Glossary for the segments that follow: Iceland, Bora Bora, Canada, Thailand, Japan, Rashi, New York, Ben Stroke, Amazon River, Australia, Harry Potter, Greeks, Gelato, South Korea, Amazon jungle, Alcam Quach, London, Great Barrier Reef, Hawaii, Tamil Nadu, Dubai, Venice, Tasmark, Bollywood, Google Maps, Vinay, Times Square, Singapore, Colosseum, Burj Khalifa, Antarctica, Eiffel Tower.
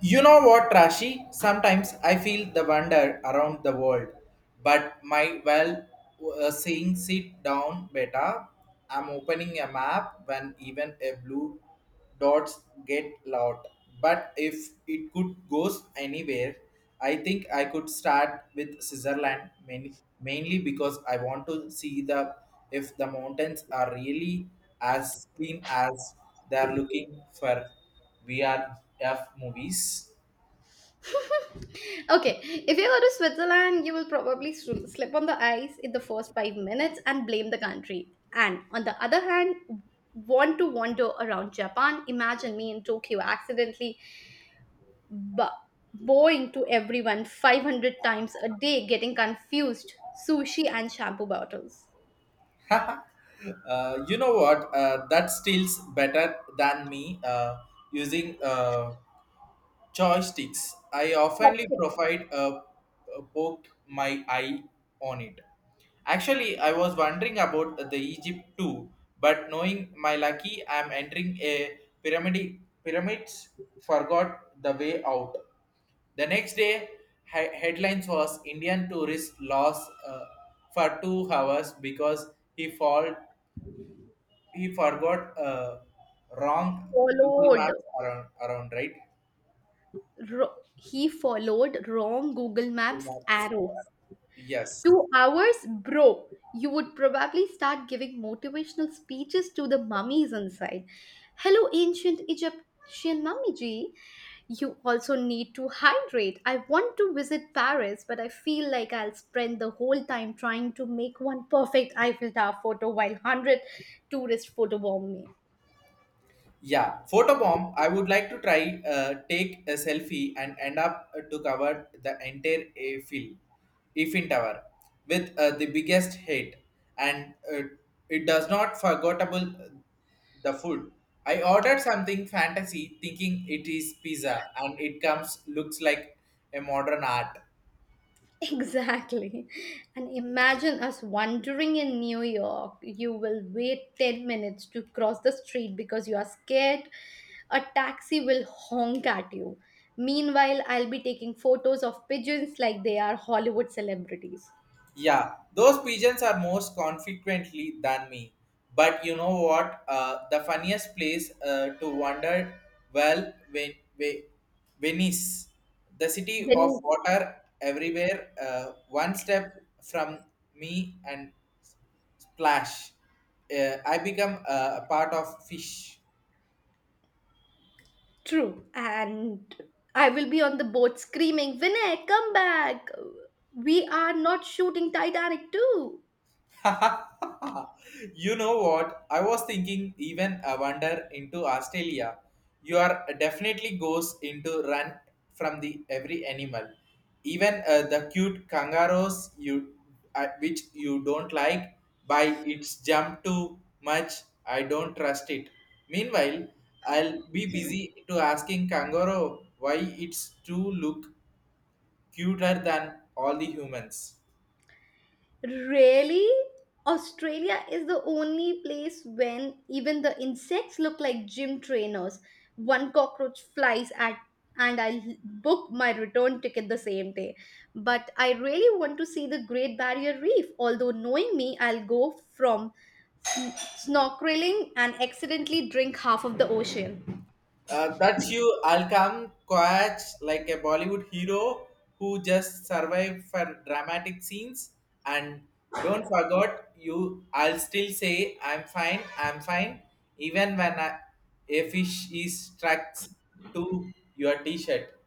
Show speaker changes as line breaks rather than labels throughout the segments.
You know what, Rashi? Sometimes I feel the wonder around the world, but my well saying sit down beta. I'm opening a map when even a blue dots get loud. But if it could goes anywhere, I think I could start with Switzerland mainly because I want to see the if the mountains are really as clean as they are looking for. VRF movies.
Okay, if you go to Switzerland, you will probably slip on the ice in the first 5 minutes and blame the country. And on the other hand, want to wander around Japan. Imagine me in Tokyo accidentally bu- bowing to everyone 500 times a day, getting confused. Sushi and shampoo bottles.
You know what? That steals better than me using joysticks. I oftenly provide poked my eye on it. Actually, I was wondering about the Egypt too, but knowing my lucky, I'm entering a pyramid. Pyramids forgot the way out. The next day, headlines was Indian tourist lost for 2 hours because he fall he forgot wrong Google
Followed.
Maps around right
He followed wrong Google
Google
Maps
Maps.
arrow.
Yes,
2 hours, bro. You would probably start giving motivational speeches to the mummies inside. Hello, ancient Egyptian mummy G. You also need to hydrate. I want to visit Paris, but I feel like I'll spend the whole time trying to make one perfect Eiffel Tower photo while 100 tourists photobomb me.
yeah, photobomb. I would like to try take a selfie and end up to cover the entire Eiffel Tower with the biggest hit, and it does not forgettable the food. I ordered something fantasy, thinking it is pizza, and it comes looks like a modern art.
Exactly. And imagine us wandering in New York. You will wait 10 minutes to cross the street because you are scared. A taxi will honk at you. Meanwhile, I'll be taking photos of pigeons like they are Hollywood celebrities.
Yeah, those pigeons are most consequently than me. But you know what? The funniest place to wander, well, Venice, the city of
Then,
water everywhere, one step from me and splash. I become a part of fish.
true. And I will be on the boat screaming, Vinay, come back. We are not shooting Titanic too.
you know what? I was thinking even a wander into Australia. You are definitely goes into run from the every animal, even the cute kangaroos you which you don't like by its jump too much. I don't trust it. Meanwhile, I'll be busy to asking kangaroo why it's too look cuter than all the humans.
Really? Australia is the only place when even the insects look like gym trainers. One cockroach flies at and I'll book my return ticket the same day. But I really want to see the Great Barrier Reef, although knowing me, I'll go from sn- snorkeling and accidentally drink half of the ocean.
That's you, Alcam Quach, like a Bollywood hero who just survived for dramatic scenes. And don't forget, you. I'll still say I'm fine. I'm fine, even when I, a fish is struck to your T-shirt.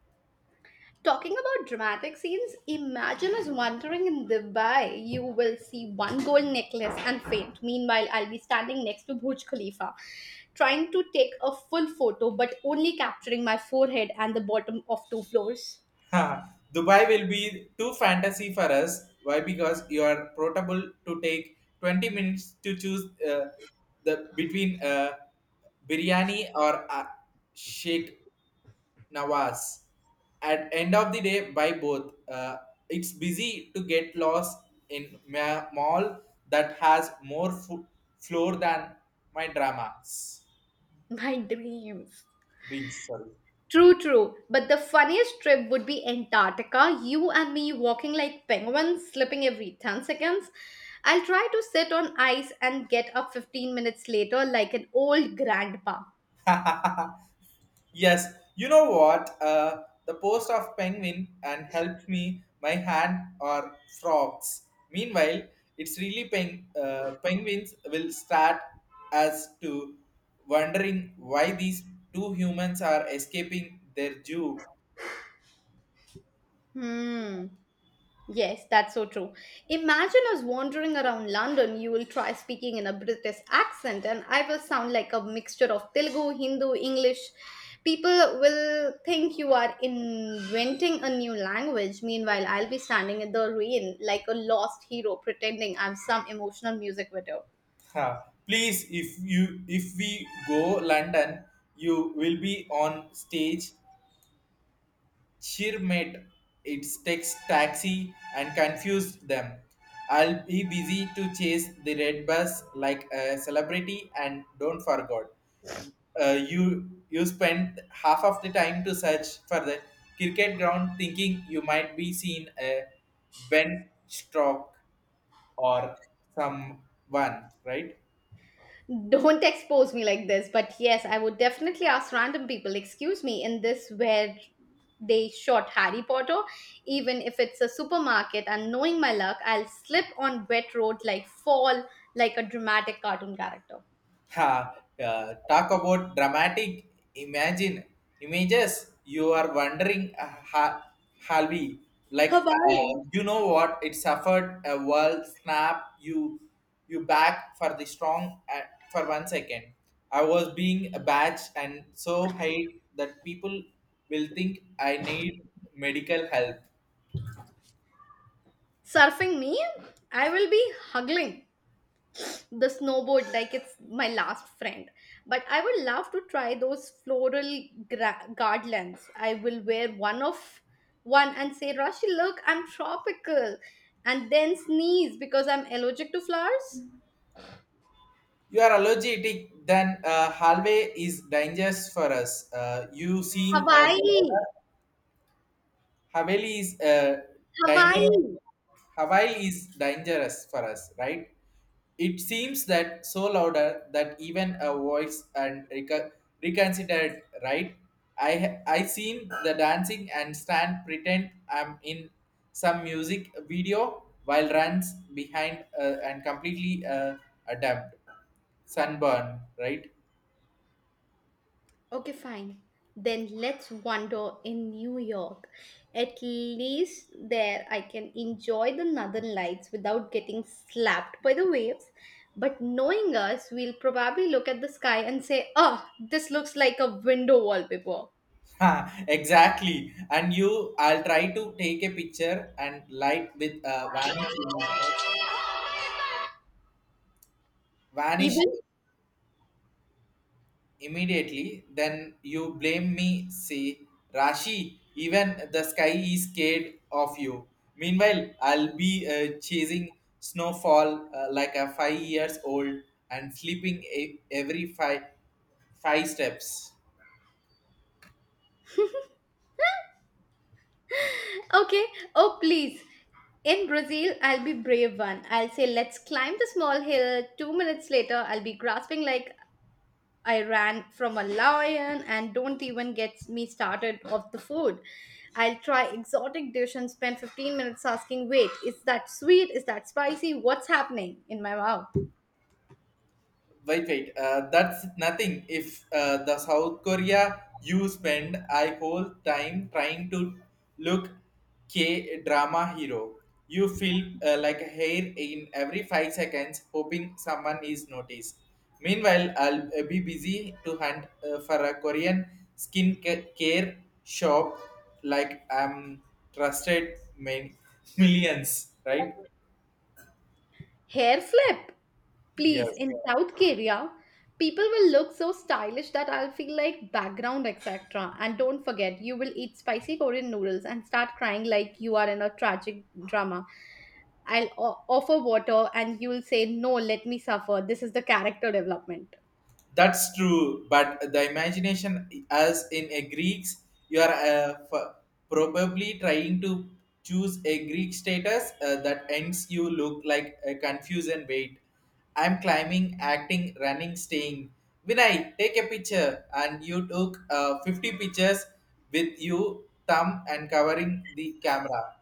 Talking about dramatic scenes, imagine us wandering in Dubai. You will see one gold necklace and faint. Meanwhile, I'll be standing next to Burj Khalifa, trying to take a full photo, but only capturing my forehead and the bottom of two floors.
Dubai will be too fantasy for us. Why? Because you are portable to take 20 minutes to choose the between biryani or shake Nawaz. At end of the day, buy both. It's busy to get lost in mall that has more floor than my dramas.
My dreams.
Dreams, sorry.
True, true. But the funniest trip would be Antarctica. You and me walking like penguins, slipping every 10 seconds. I'll try to sit on ice and get up 15 minutes later like an old grandpa.
Yes, you know what? The post of penguin and help me, my hand are frogs. Meanwhile, it's really penguins will start as to wondering why these two humans are escaping their zoo.
Hmm. Yes, that's so true. Imagine us wandering around London. You will try speaking in a British accent, and I will sound like a mixture of Telugu, Hindu, English. People will think you are inventing a new language. Meanwhile, I'll be standing in the rain like a lost hero pretending I'm some emotional music video.
Ha. Please, if we go London, you will be on stage Cheermate, its takes taxi and confused them. I'll be busy to chase the red bus like a celebrity and don't forget. You spend half of the time to search for the cricket ground thinking you might be seen a Ben Stroke or someone, right?
Don't expose me like this, but yes, I would definitely ask random people, excuse me, in this where they shot Harry Potter, even if it's a supermarket, and knowing my luck, I'll slip on wet road like fall like a dramatic cartoon character.
Ha, talk about dramatic imagine images. You are wondering, Halvi, like
Hawaii.
you know what? It suffered a world snap. You back for the strong for one second. I was being a batch and so hate that people will think I need medical help.
Surfing me, I will be hugging the snowboard like it's my last friend, but I would love to try those floral garlands. I will wear one and say, Rashi, look, I'm tropical, and then sneeze because I'm allergic to flowers.
You are allergic, then halway is dangerous for us. You seen the
Hawaii.
Haveli is dangerous.
Hawaii.
Hawaii is dangerous for us, right? It seems that so louder that even a voice and reconsidered, right? I seen the dancing and stand pretend I'm in some music video while runs behind and completely adapt sunburn, right?
Okay, fine. Then let's wander in New York. At least there I can enjoy the northern lights without getting slapped by the waves. But knowing us, we'll probably look at the sky and say, Oh, this looks like a window wallpaper.
Ha, exactly. And you, I'll try to take a picture and light with a vanishing. Image vanish
Even?
immediately, then you blame me, say, Rashi, even the sky is scared of you. Meanwhile, I'll be chasing snowfall like a 5 years old and sleeping every five steps.
Okay. Oh, please. In Brazil, I'll be brave one. I'll say, Let's climb the small hill. 2 minutes later, I'll be grasping like I ran from a lion, and don't even get me started of the food. I'll try exotic dish and spend 15 minutes asking, wait, is that sweet? Is that spicy? What's happening in my mouth?
Wait, wait. That's nothing. If the South Korea you spend I whole time trying to look K drama hero, you feel like a hair in every 5 seconds, hoping someone is noticed. Meanwhile, I'll be busy to hunt for a Korean skin care shop like I'm trusted many millions, right?
Hair flip, please.
Yes.
In South Korea, people will look so stylish that I'll feel like background, etc. And don't forget, you will eat spicy Korean noodles and start crying like you are in a tragic drama. I'll offer water and you'll say, no, let me suffer. This is the character development.
That's true, but the imagination, as in a Greeks, you are probably trying to choose a Greek status that ends you look like a confusion and wait. I'm climbing, acting, running, staying. Vinay, take a picture, and you took 50 pictures with you thumb and covering the camera.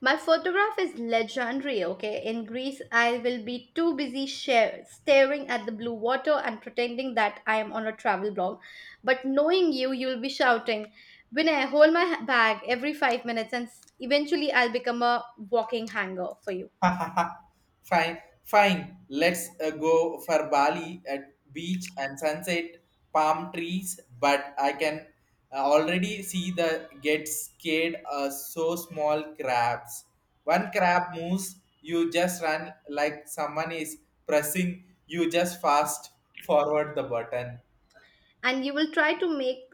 My photograph is legendary, okay? In Greece, I will be too busy staring at the blue water and pretending that I am on a travel blog. But knowing you, you'll be shouting, Vinay, hold my bag every 5 minutes, and eventually I'll become a walking hanger for you.
Ha, ha, ha. fine, fine Let's go for Bali at beach and sunset, palm trees. But I can already see the get scared. So small crabs. One crab moves, you just run like someone is pressing. You just fast forward the button.
And you will try to make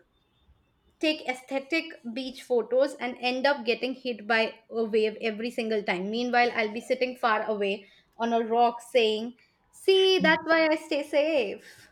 take aesthetic beach photos and end up getting hit by a wave every single time. Meanwhile, I'll be sitting far away on a rock saying, See, that's why I stay safe.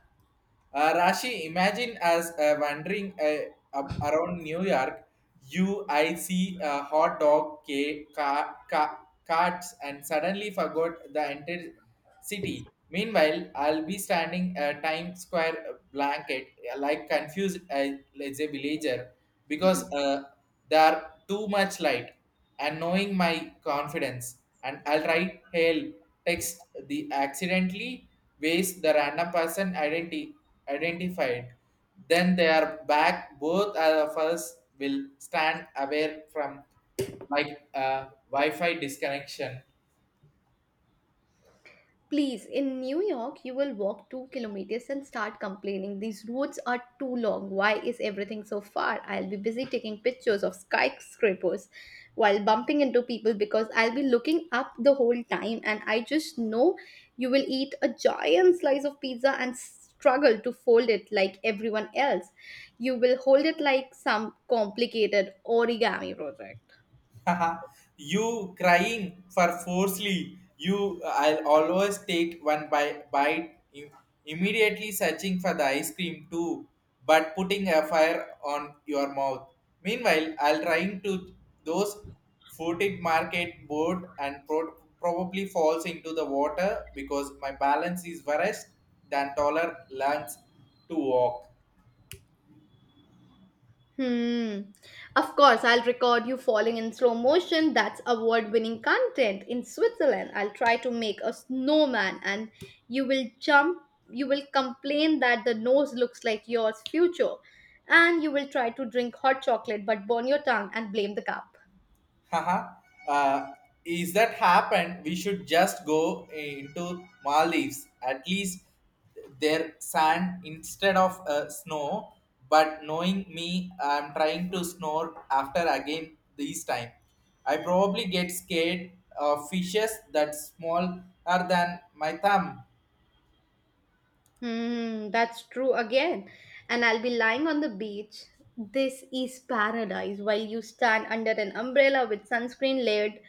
Rashi, imagine as wandering up around New York UIC hot dog carts and suddenly forgot the entire city. Meanwhile, I'll be standing a Times Square blanket like confused as a villager because there are too much light and knowing my confidence and I'll write hail text the accidentally waste the random person identified then they are back both of us will stand away from like wi-fi disconnection.
Please, in New York, you will walk 2 kilometers and start complaining. These roads are too long. Why is everything so far? I'll be busy taking pictures of skyscrapers while bumping into people because I'll be looking up the whole time. And I just know you will eat a giant slice of pizza and struggle to fold it like everyone else. You will hold it like some complicated origami project.
you crying for forcefully. You, I'll always take one bite immediately searching for the ice cream too, but putting a fire on your mouth. Meanwhile, I'll trying to those footed market board and probably falls into the water because my balance is worse than taller lungs to walk.
Hmm. Of course, I'll record you falling in slow motion. That's award winning content. In Switzerland, I'll try to make a snowman and you will jump, you will complain that the nose looks like yours, future. And you will try to drink hot chocolate but burn your tongue and blame the cup.
Haha. uh, is that happened? We should just go into Maldives. At least their sand instead of snow. But knowing me, I'm trying to snore after again this time. I probably get scared of fishes that smaller than my thumb.
Hmm, that's true again. And I'll be lying on the beach. This is paradise while you stand under an umbrella with sunscreen layered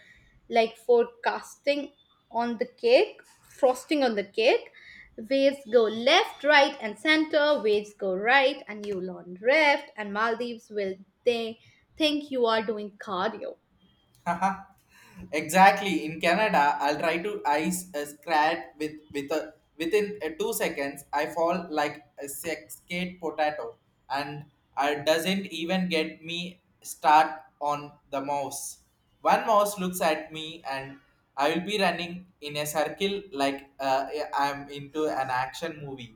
like forecasting on the cake, frosting on the cake. Waves go left, right, and center. Waves go right, and you learn left. And Maldives will they think you are doing cardio.
exactly. In Canada, I'll try to ice a scrat with within 2 seconds. I fall like a sex skate potato, and it doesn't even get me start on the mouse. One mouse looks at me, and I will be running in a circle like I'm into an action movie.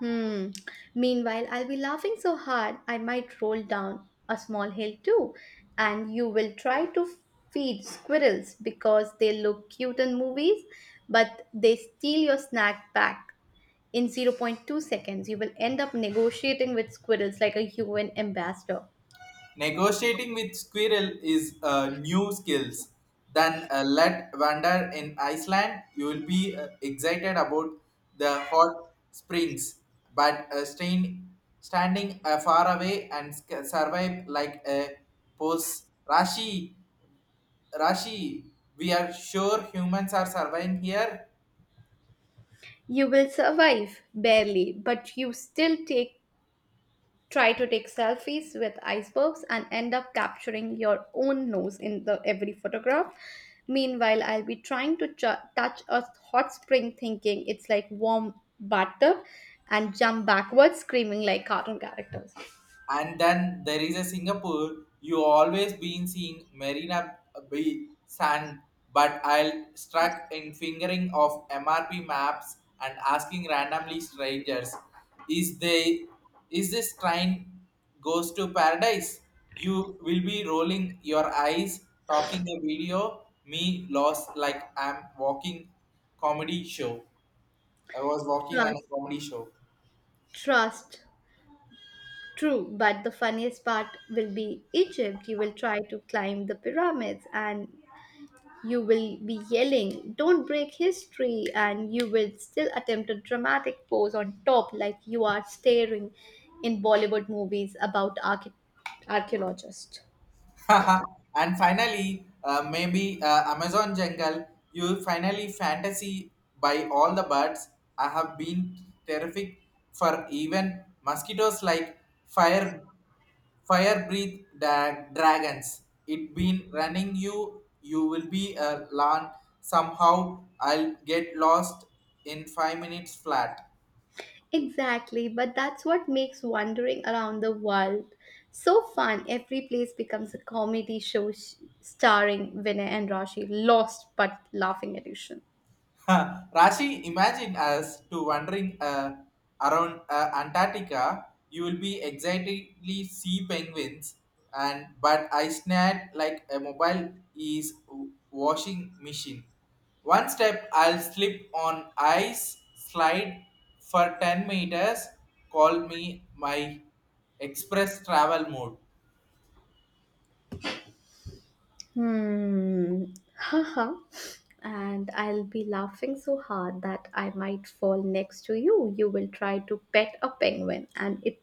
Hmm. Meanwhile, I'll be laughing so hard I might roll down a small hill too, and you will try to feed squirrels because they look cute in movies, but they steal your snack back in zero point 0.2 seconds. You will end up negotiating with squirrels like a UN ambassador.
Negotiating with squirrel is new skills. Then let wander in Iceland. You will be excited about the hot springs, but staying standing far away and survive like a post Rashi. Rashi, we are sure humans are surviving here.
You will survive barely, but you still take try to take selfies with icebergs and end up capturing your own nose in the every photograph. Meanwhile, I'll be trying to touch a hot spring thinking it's like warm bathtub and jump backwards screaming like cartoon characters.
And then there is a Singapore. You always been seeing Marina Bay Sand, but I'll struck in fingering of MRP maps and asking randomly strangers, "Is is this train goes to paradise?" You will be rolling your eyes, talking a video. Me lost like I'm walking comedy show. I was walking on a
Trust,
comedy show.
trust. True, but the funniest part will be Egypt. You will try to climb the pyramids, and you will be yelling, Don't break history, and you will still attempt a dramatic pose on top like you are staring in Bollywood movies about archaeologists.
and finally, maybe Amazon jungle. You finally fantasy by all the birds. I have been terrific for even mosquitoes like fire, fire breath dragons. It been running you. You will be a lawn. Somehow I'll get lost in 5 minutes flat.
Exactly, but that's what makes wandering around the world so fun. Every place becomes a comedy show starring Vinay and Rashi, lost but laughing edition.
Rashi, imagine us to wandering around Antarctica. You will be excitedly see penguins, and but I snared like a mobile is washing machine. One step, I'll slip on ice slide for 10 meters. Call me my express travel mode.
Hmm. Haha. And I'll be laughing so hard that I might fall next to you. You will try to pet a penguin and it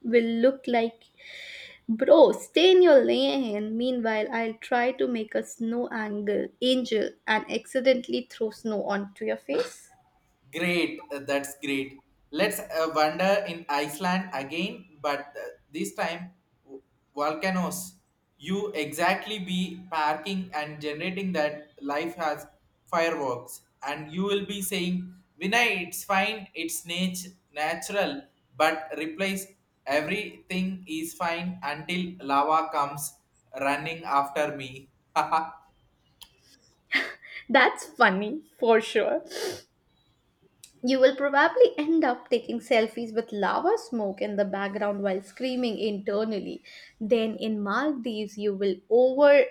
will look like, bro, stay in your lane. Meanwhile, I'll try to make a snow angle angel and accidentally throw snow onto your face.
Great, that's great. Let's wander in Iceland again, but this time w- volcanoes. You exactly be parking and generating that life has fireworks, and you will be saying, "Vinay, it's fine, it's natural," but replace everything is fine until lava comes running after me.
That's funny for sure. You will probably end up taking selfies with lava smoke in the background while screaming internally. Then in Maldives, you will overuse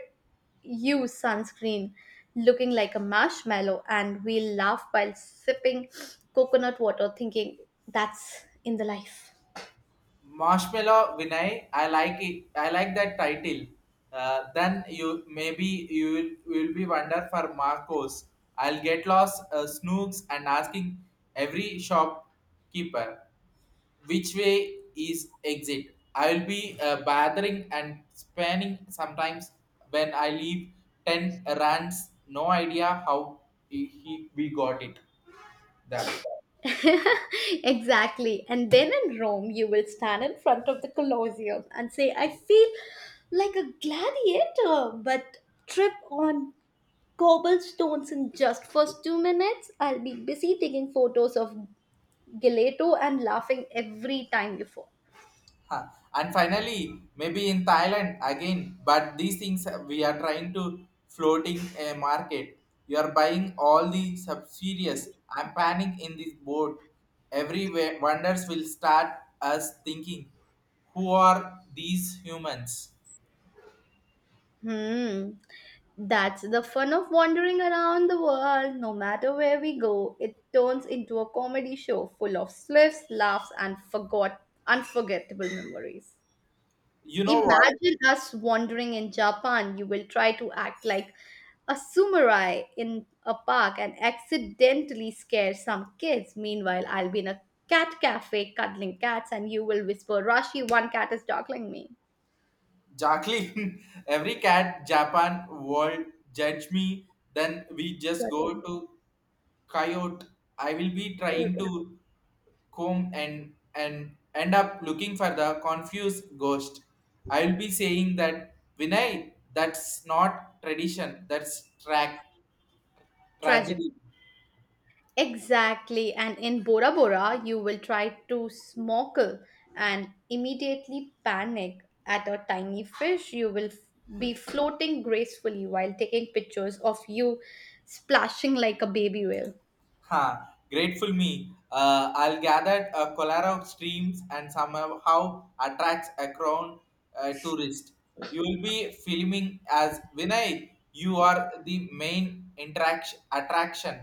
sunscreen looking like a marshmallow and we'll laugh while sipping coconut water, thinking that's in the life.
Marshmallow Vinay, I like it. I like that title. Then you maybe will be wonder for Marcos. I'll get lost snooks and asking every shopkeeper which way is exit. I'll be bothering and spanning sometimes when I leave ten runs. No idea how we got it them.
Exactly. And then in Rome, you will stand in front of the Colosseum and say, I feel like a gladiator, but trip on cobblestones in just first 2 minutes. I'll be busy taking photos of Gelato and laughing every time you fall.
Huh. And finally, maybe in Thailand again, but these things we are trying to floating a market. You are buying all the subsidies. I'm panning in this boat. Everywhere wonders will start us thinking, who are these humans?
Hmm. That's the fun of wandering around the world. No matter where we go, it turns into a comedy show full of slips, laughs, and forgot unforgettable memories.
You know what,
Imagine us wandering in Japan. You will try to act like a samurai in a park and accidentally scare some kids. Meanwhile, I'll be in a cat cafe cuddling cats and you will whisper, Rashi, one cat is juggling me.
Jacqueline? Every cat Japan world judge me. Then we just
That is
go to coyote. I will be trying
terrible.
to comb and end up looking for the confused ghost. I will be saying that Vinay, that's not tradition, that's track
Tragic.
tragedy.
Exactly, and in Bora Bora, you will try to snorkel and immediately panic at a tiny fish. You will be floating gracefully while taking pictures of you splashing like a baby whale.
Ha, grateful me, I'll gather a collar of streams and somehow attracts a crown tourist. You will be filming as Vinay, you are the main interaction attraction.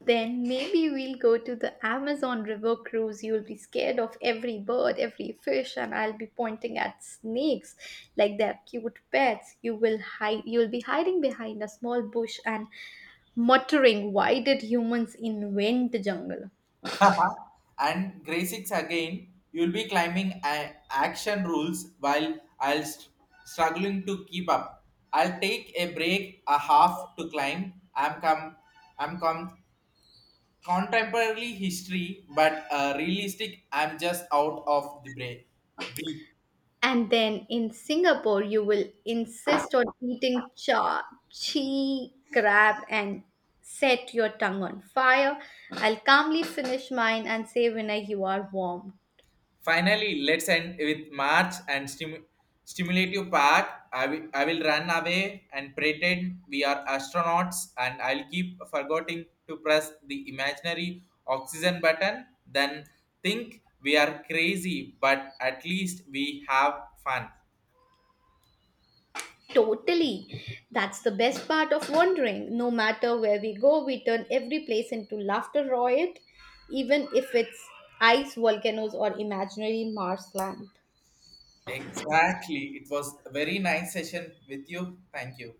Then maybe we'll go to the Amazon River cruise. You'll be scared of every bird, every fish, and I'll be pointing at snakes like they're cute pets. You will hide. You'll be hiding behind a small bush and muttering, Why did humans invent the jungle?
and Gracix again, you'll be climbing action rules while I'll struggling to keep up. I'll take a break, a half to climb. I'm contemporary history, but realistic. I'm just out of the break.
And then in Singapore, you will insist on eating chi, crab, and set your tongue on fire. I'll calmly finish mine and say, Vinay, you are warm.
Finally, let's end with March and stimulative park. I will run away and pretend we are astronauts, and I'll keep forgetting to press the imaginary oxygen button. Then think we are crazy, but at least we have fun.
Totally. That's the best part of wandering. No matter where we go, we turn every place into laughter riot, even if it's ice, volcanoes, or imaginary Mars land.
Exactly. It was a very nice session with you. Thank you.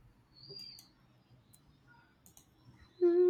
Hmm.